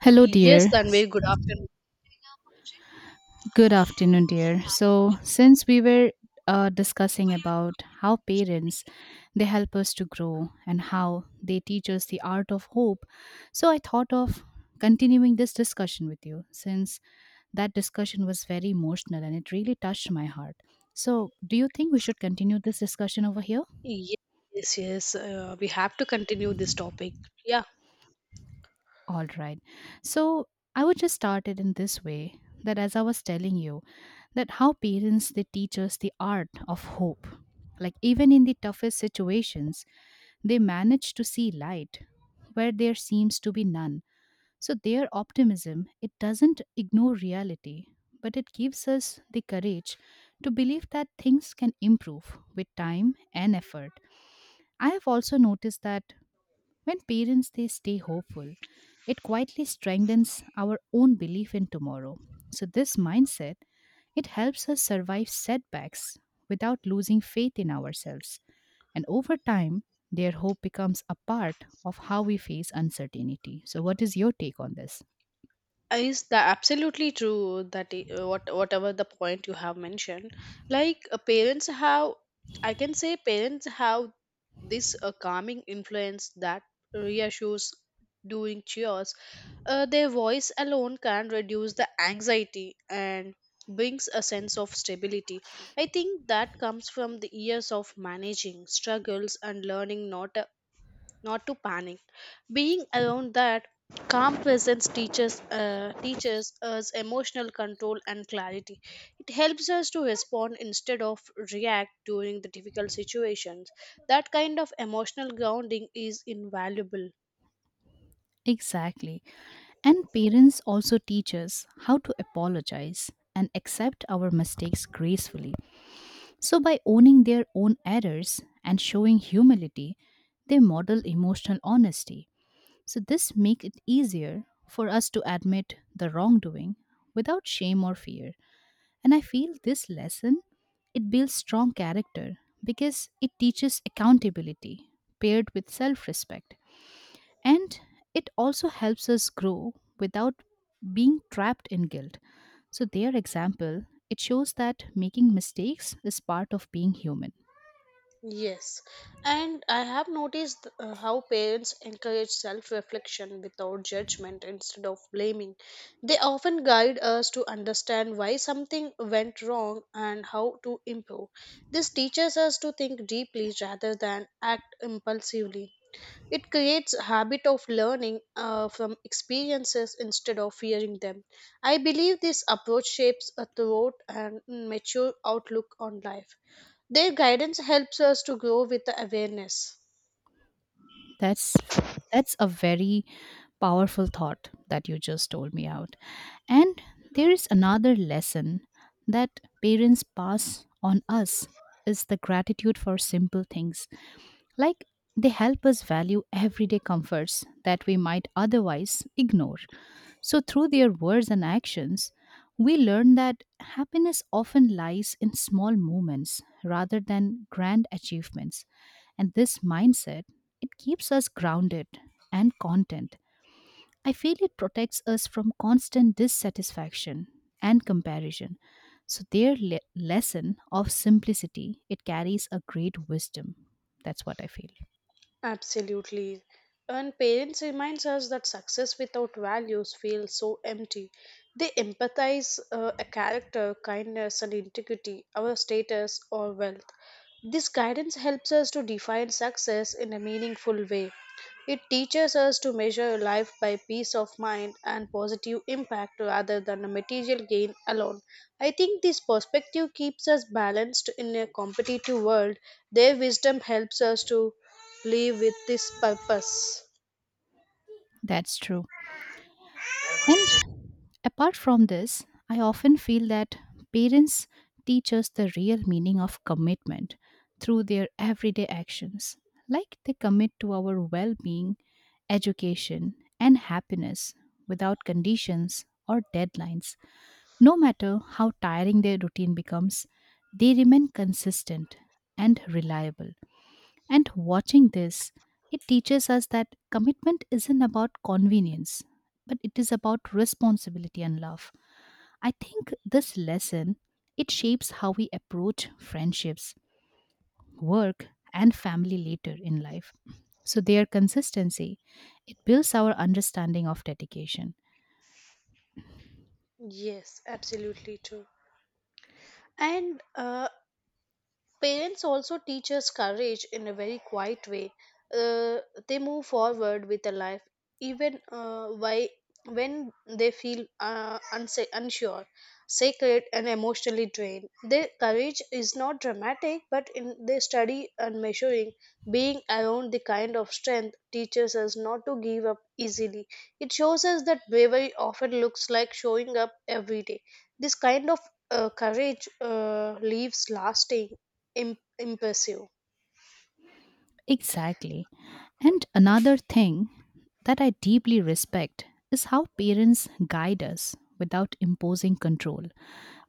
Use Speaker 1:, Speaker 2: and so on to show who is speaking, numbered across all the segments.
Speaker 1: Hello,
Speaker 2: Yes,
Speaker 1: dear.
Speaker 2: Tanvi, good afternoon.
Speaker 1: Good afternoon, dear. So, since we were discussing about how parents they help us to grow and how they teach us the art of hope, so I thought of continuing this discussion with you since that discussion was very emotional and it really touched my heart. So, do you think we should continue this discussion over here?
Speaker 2: Yes, yes. We have to continue this topic. Yeah.
Speaker 1: All right. So I would just start it in this way that as I was telling you, that how parents they teach us the art of hope. Like even in the toughest situations, they manage to see light where there seems to be none. So their optimism, it doesn't ignore reality, but it gives us the courage to believe that things can improve with time and effort. I have also noticed that when parents they stay hopeful, it quietly strengthens our own belief in tomorrow. So this mindset, it helps us survive setbacks without losing faith in ourselves. And over time, their hope becomes a part of how we face uncertainty. So what is your take on this?
Speaker 2: Is that absolutely true that whatever the point you have mentioned, like parents have, I can say parents have this calming influence that reassures during cheers. Their voice alone can reduce the anxiety and brings a sense of stability. I think that comes from the years of managing struggles and learning not to panic. Being around that calm presence teaches us emotional control and clarity. It helps us to respond instead of react during the difficult situations. That kind of emotional grounding is invaluable.
Speaker 1: Exactly. And parents also teach us how to apologize and accept our mistakes gracefully. So, by owning their own errors and showing humility, they model emotional honesty. So, this makes it easier for us to admit the wrongdoing without shame or fear. And I feel this lesson it builds strong character because it teaches accountability paired with self-respect and it also helps us grow without being trapped in guilt so their example it shows that making mistakes is part of being human.
Speaker 2: Yes, and I have noticed how parents encourage self reflection without judgment instead of blaming. They often guide us to understand why something went wrong and how to improve. This teaches us to think deeply rather than act impulsively. It creates a habit of learning from experiences instead of fearing them. I believe this approach shapes a thorough and mature outlook on life. Their guidance helps us to grow with the awareness.
Speaker 1: That's that's a very powerful thought that you just told me out, and there is another lesson that parents pass on us is the gratitude for simple things. Like they help us value everyday comforts that we might otherwise ignore. So, through their words and actions, we learn that happiness often lies in small moments rather than grand achievements. And this mindset, it keeps us grounded and content. I feel it protects us from constant dissatisfaction and comparison. So their lesson of simplicity, it carries a great wisdom. That's what I feel.
Speaker 2: Absolutely. And parents reminds us that success without values feels so empty. They empathize a character, kindness, and integrity, our status or wealth. This guidance helps us to define success in a meaningful way. It teaches us to measure life by peace of mind and positive impact rather than a material gain alone. I think this perspective keeps us balanced in a competitive world. Their wisdom helps us to live with this purpose.
Speaker 1: That's true. And apart from this, I often feel that parents teach us the real meaning of commitment through their everyday actions. Like they commit to our well being, education, and happiness without conditions or deadlines. No matter how tiring their routine becomes, they remain consistent and reliable. And watching this, it teaches us that commitment isn't about convenience, but it is about responsibility and love. I think this lesson it shapes how we approach friendships, work, and family later in life. So their consistency, it builds our understanding of dedication.
Speaker 2: Yes, absolutely true. And parents also teach us courage in a very quiet way. Uh, they move forward with a life, even when they feel unsure, sacred, and emotionally drained. Their courage is not dramatic, but in their study and measuring, being around the kind of strength teaches us not to give up easily. It shows us that bravery often looks like showing up every day. This kind of courage leaves lasting imbecil.
Speaker 1: Exactly. And another thing that I deeply respect is how parents guide us without imposing control.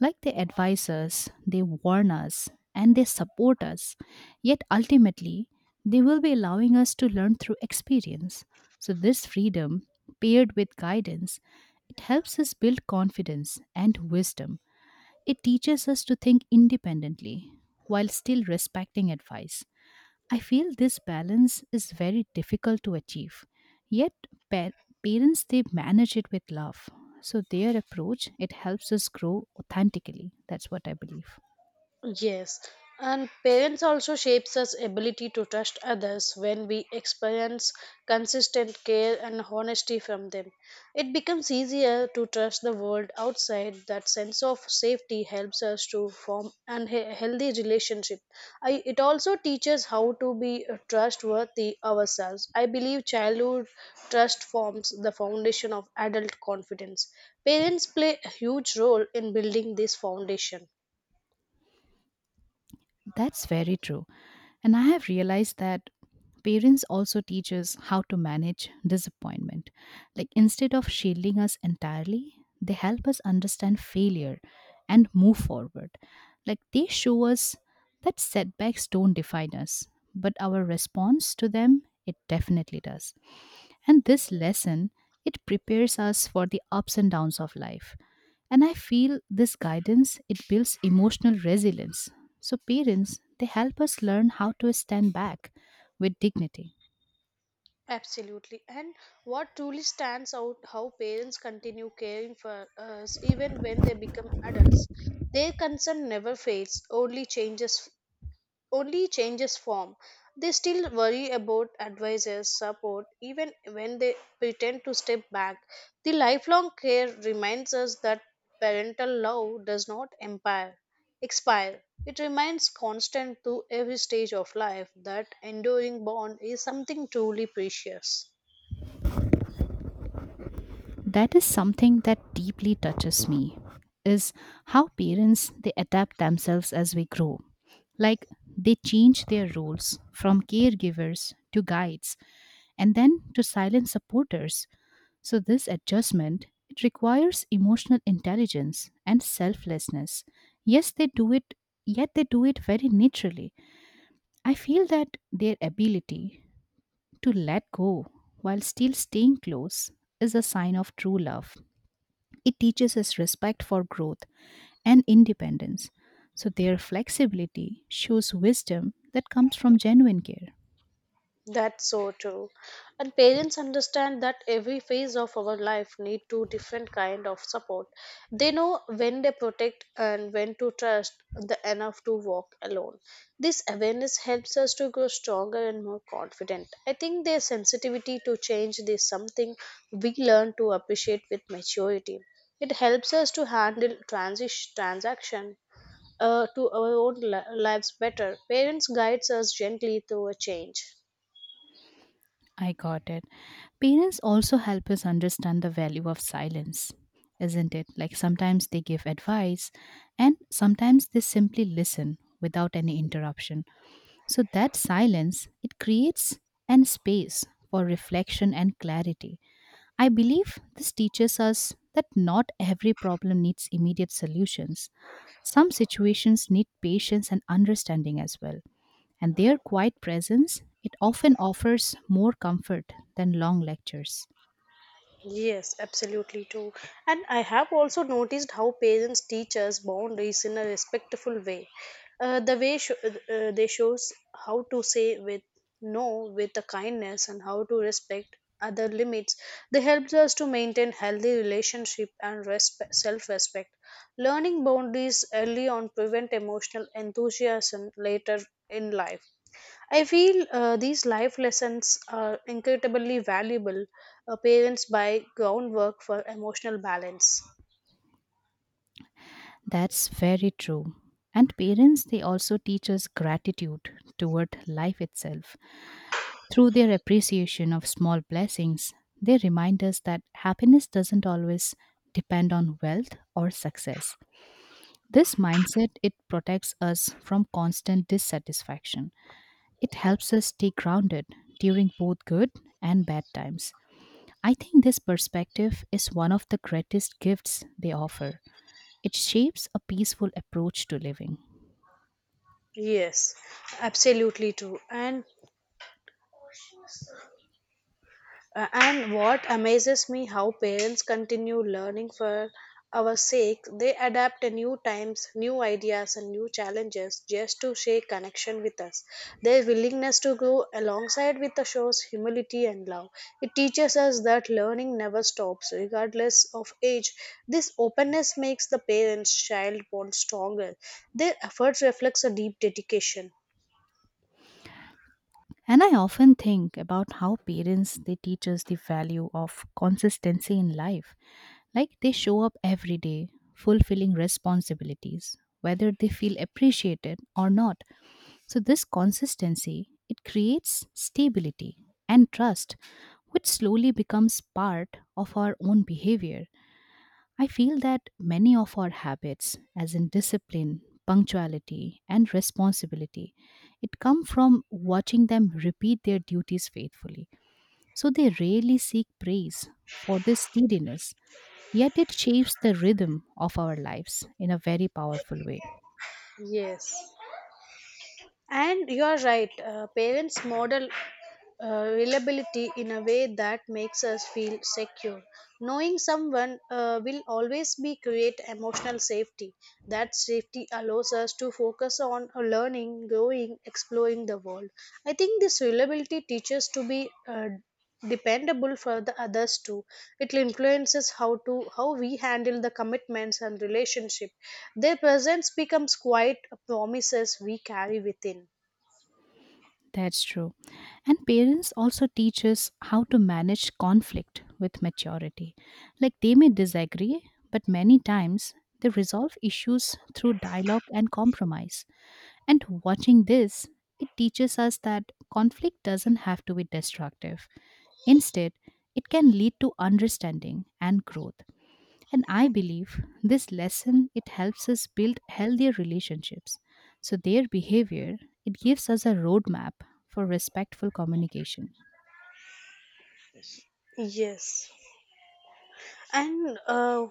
Speaker 1: Like they advise us, they warn us, and they support us, yet ultimately, they will be allowing us to learn through experience. So, this freedom, paired with guidance, it helps us build confidence and wisdom. It teaches us to think independently while still respecting advice. I feel this balance is very difficult to achieve. Yet pa- parents they manage it with love. So their approach it helps us grow authentically. That's what I believe.
Speaker 2: Yes, and parents also shapes us ability to trust others when we experience consistent care and honesty from them. It becomes easier to trust the world outside. That sense of safety helps us to form an healthy relationship. It also teaches how to be trustworthy ourselves. I believe childhood trust forms the foundation of adult confidence. Parents play a huge role in building this foundation.
Speaker 1: That's very true. And I have realized that parents also teach us how to manage disappointment. Like instead of shielding us entirely, they help us understand failure and move forward. Like they show us that setbacks don't define us, but our response to them, it definitely does. And this lesson, it prepares us for the ups and downs of life. And I feel this guidance, it builds emotional resilience. So parents, they help us learn how to stand back with dignity.
Speaker 2: Absolutely. And what truly stands out how parents continue caring for us even when they become adults. Their concern never fades, only changes form. They still worry about advisors, support, even when they pretend to step back. The lifelong care reminds us that parental love does not empire, expire. It remains constant through every stage of life. That enduring bond is something truly precious.
Speaker 1: That is something that deeply touches me is how parents they adapt themselves as we grow. Like they change their roles from caregivers to guides and then to silent supporters. So this adjustment it requires emotional intelligence and selflessness. Yes, they do it, yet they do it very naturally. I feel that their ability to let go while still staying close is a sign of true love. It teaches us respect for growth and independence. So their flexibility shows wisdom that comes from genuine care.
Speaker 2: That's so true. And parents understand that every phase of our life need two different kind of support. They know when they protect and when to trust the enough to walk alone. This awareness helps us to grow stronger and more confident. I think their sensitivity to change is something we learn to appreciate with maturity. It helps us to handle transition transaction to our own lives better. Parents guides us gently through a change.
Speaker 1: I got it. Parents also help us understand the value of silence, isn't it? Like sometimes they give advice and sometimes they simply listen without any interruption. So that silence, it creates an space for reflection and clarity. I believe this teaches us that not every problem needs immediate solutions. Some situations need patience and understanding as well, and their quiet presence it often offers more comfort than long lectures.
Speaker 2: Yes, absolutely too. And I have also noticed how parents teach us boundaries in a respectful way. Uh, the way sho uh, they shows how to say with no with the kindness and how to respect other limits. They helps us to maintain healthy relationship and self-respect. Learning boundaries early on prevent emotional enthusiasm later in life. I feel these life lessons are incredibly valuable. Parents buy groundwork for emotional balance.
Speaker 1: That's very true. And parents they also teach us gratitude toward life itself through their appreciation of small blessings. They remind us that happiness doesn't always depend on wealth or success. This mindset it protects us from constant dissatisfaction. It helps us stay grounded during both good and bad times. I think this perspective is one of the greatest gifts they offer. It shapes a peaceful approach to living.
Speaker 2: Yes, absolutely true. And what amazes me how parents continue learning for our sake. They adapt to new times, new ideas, and new challenges just to share connection with us. Their willingness to grow alongside with us shows humility and love. It teaches us that learning never stops regardless of age. This openness makes the parents child bond stronger. Their efforts reflects a deep dedication.
Speaker 1: And I often think about how parents they teach us the value of consistency in life. Like they show up every day, fulfilling responsibilities, whether they feel appreciated or not. So this consistency, it creates stability and trust, which slowly becomes part of our own behavior. I feel that many of our habits, as in discipline, punctuality, and responsibility, it come from watching them repeat their duties faithfully. So they rarely seek praise for this steadiness, yet it shapes the rhythm of our lives in a very powerful way.
Speaker 2: Yes, and you are right. Parents model reliability in a way that makes us feel secure. Knowing someone will always be create emotional safety. That safety allows us to focus on learning, growing, exploring the world. I think this reliability teaches to be dependable for the others too. It influences how we handle the commitments and relationship. Their presence becomes quite promises we carry within.
Speaker 1: That's true. And parents also teach us how to manage conflict with maturity. Like they may disagree, but many times they resolve issues through dialogue and compromise. And watching this, it teaches us that conflict doesn't have to be destructive. Instead, it can lead to understanding and growth. And I believe this lesson it helps us build healthier relationships. So their behavior, it gives us a roadmap for respectful communication.
Speaker 2: Yes. and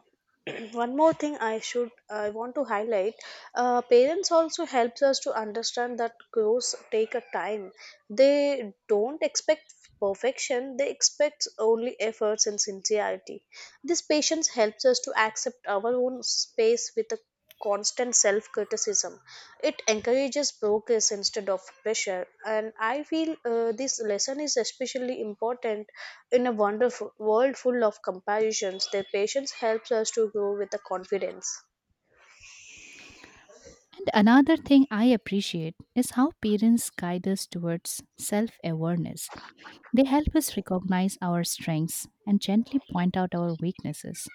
Speaker 2: One more thing I want to highlight. Parents also helps us to understand that growth take a time. They don't expect perfection, they expect only efforts and sincerity. This patience helps us to accept our own space with a constant self criticism. It encourages progress instead of pressure. And I feel this lesson is especially important in a wonderful world full of comparisons. Their patience helps us to grow with the confidence.
Speaker 1: And another thing I appreciate is how parents guide us towards self awareness. They help us recognize our strengths and gently point out our weaknesses.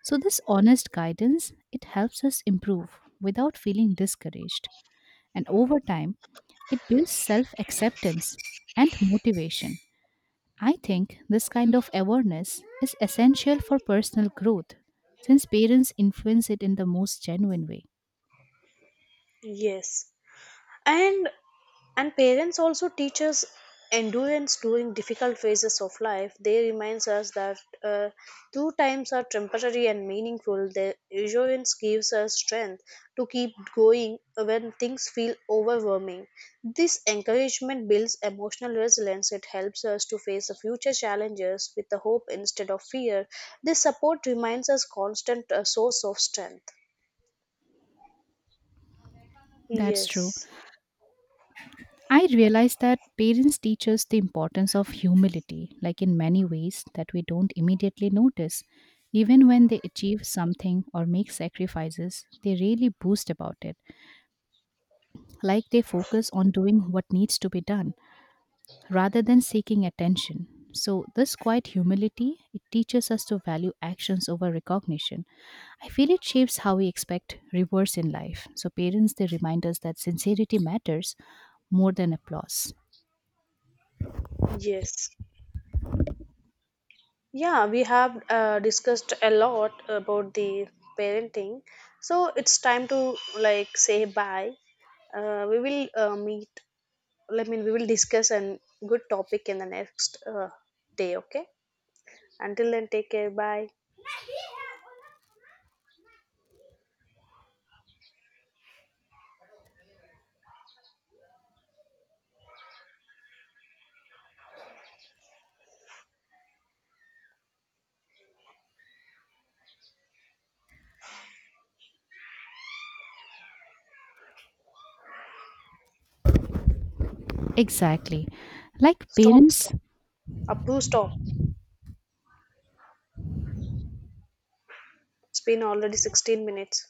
Speaker 1: So this honest guidance, it helps us improve without feeling discouraged. And over time, it builds self-acceptance and motivation. I think this kind of awareness is essential for personal growth since parents influence it in the most genuine way.
Speaker 2: Yes. And And parents also teach us endurance during difficult phases of life. They reminds us that uh, two times are temporary and meaningful. Their endurance gives us strength to keep going when things feel overwhelming. This encouragement builds emotional resilience. It helps us to face the future challenges with the hope instead of fear. This support reminds us constant source of strength.
Speaker 1: That's true.
Speaker 2: Yes.
Speaker 1: I realize that parents teach us the importance of humility, like in many ways that we don't immediately notice. Even when they achieve something or make sacrifices, they really boast about it, like they focus on doing what needs to be done rather than seeking attention. So, this quiet humility, it teaches us to value actions over recognition. I feel it shapes how we expect rewards in life. So, parents, they remind us that sincerity matters more than applause.
Speaker 2: Yes. Yeah, we have discussed a lot about the parenting. So it's time to like say bye. We will meet. I mean, we will discuss a good topic in the next day. Okay. Until then, take care. Bye.
Speaker 1: Exactly. Like
Speaker 2: Stop.
Speaker 1: parents
Speaker 2: Stop. Up stop. It's been already 16 minutes.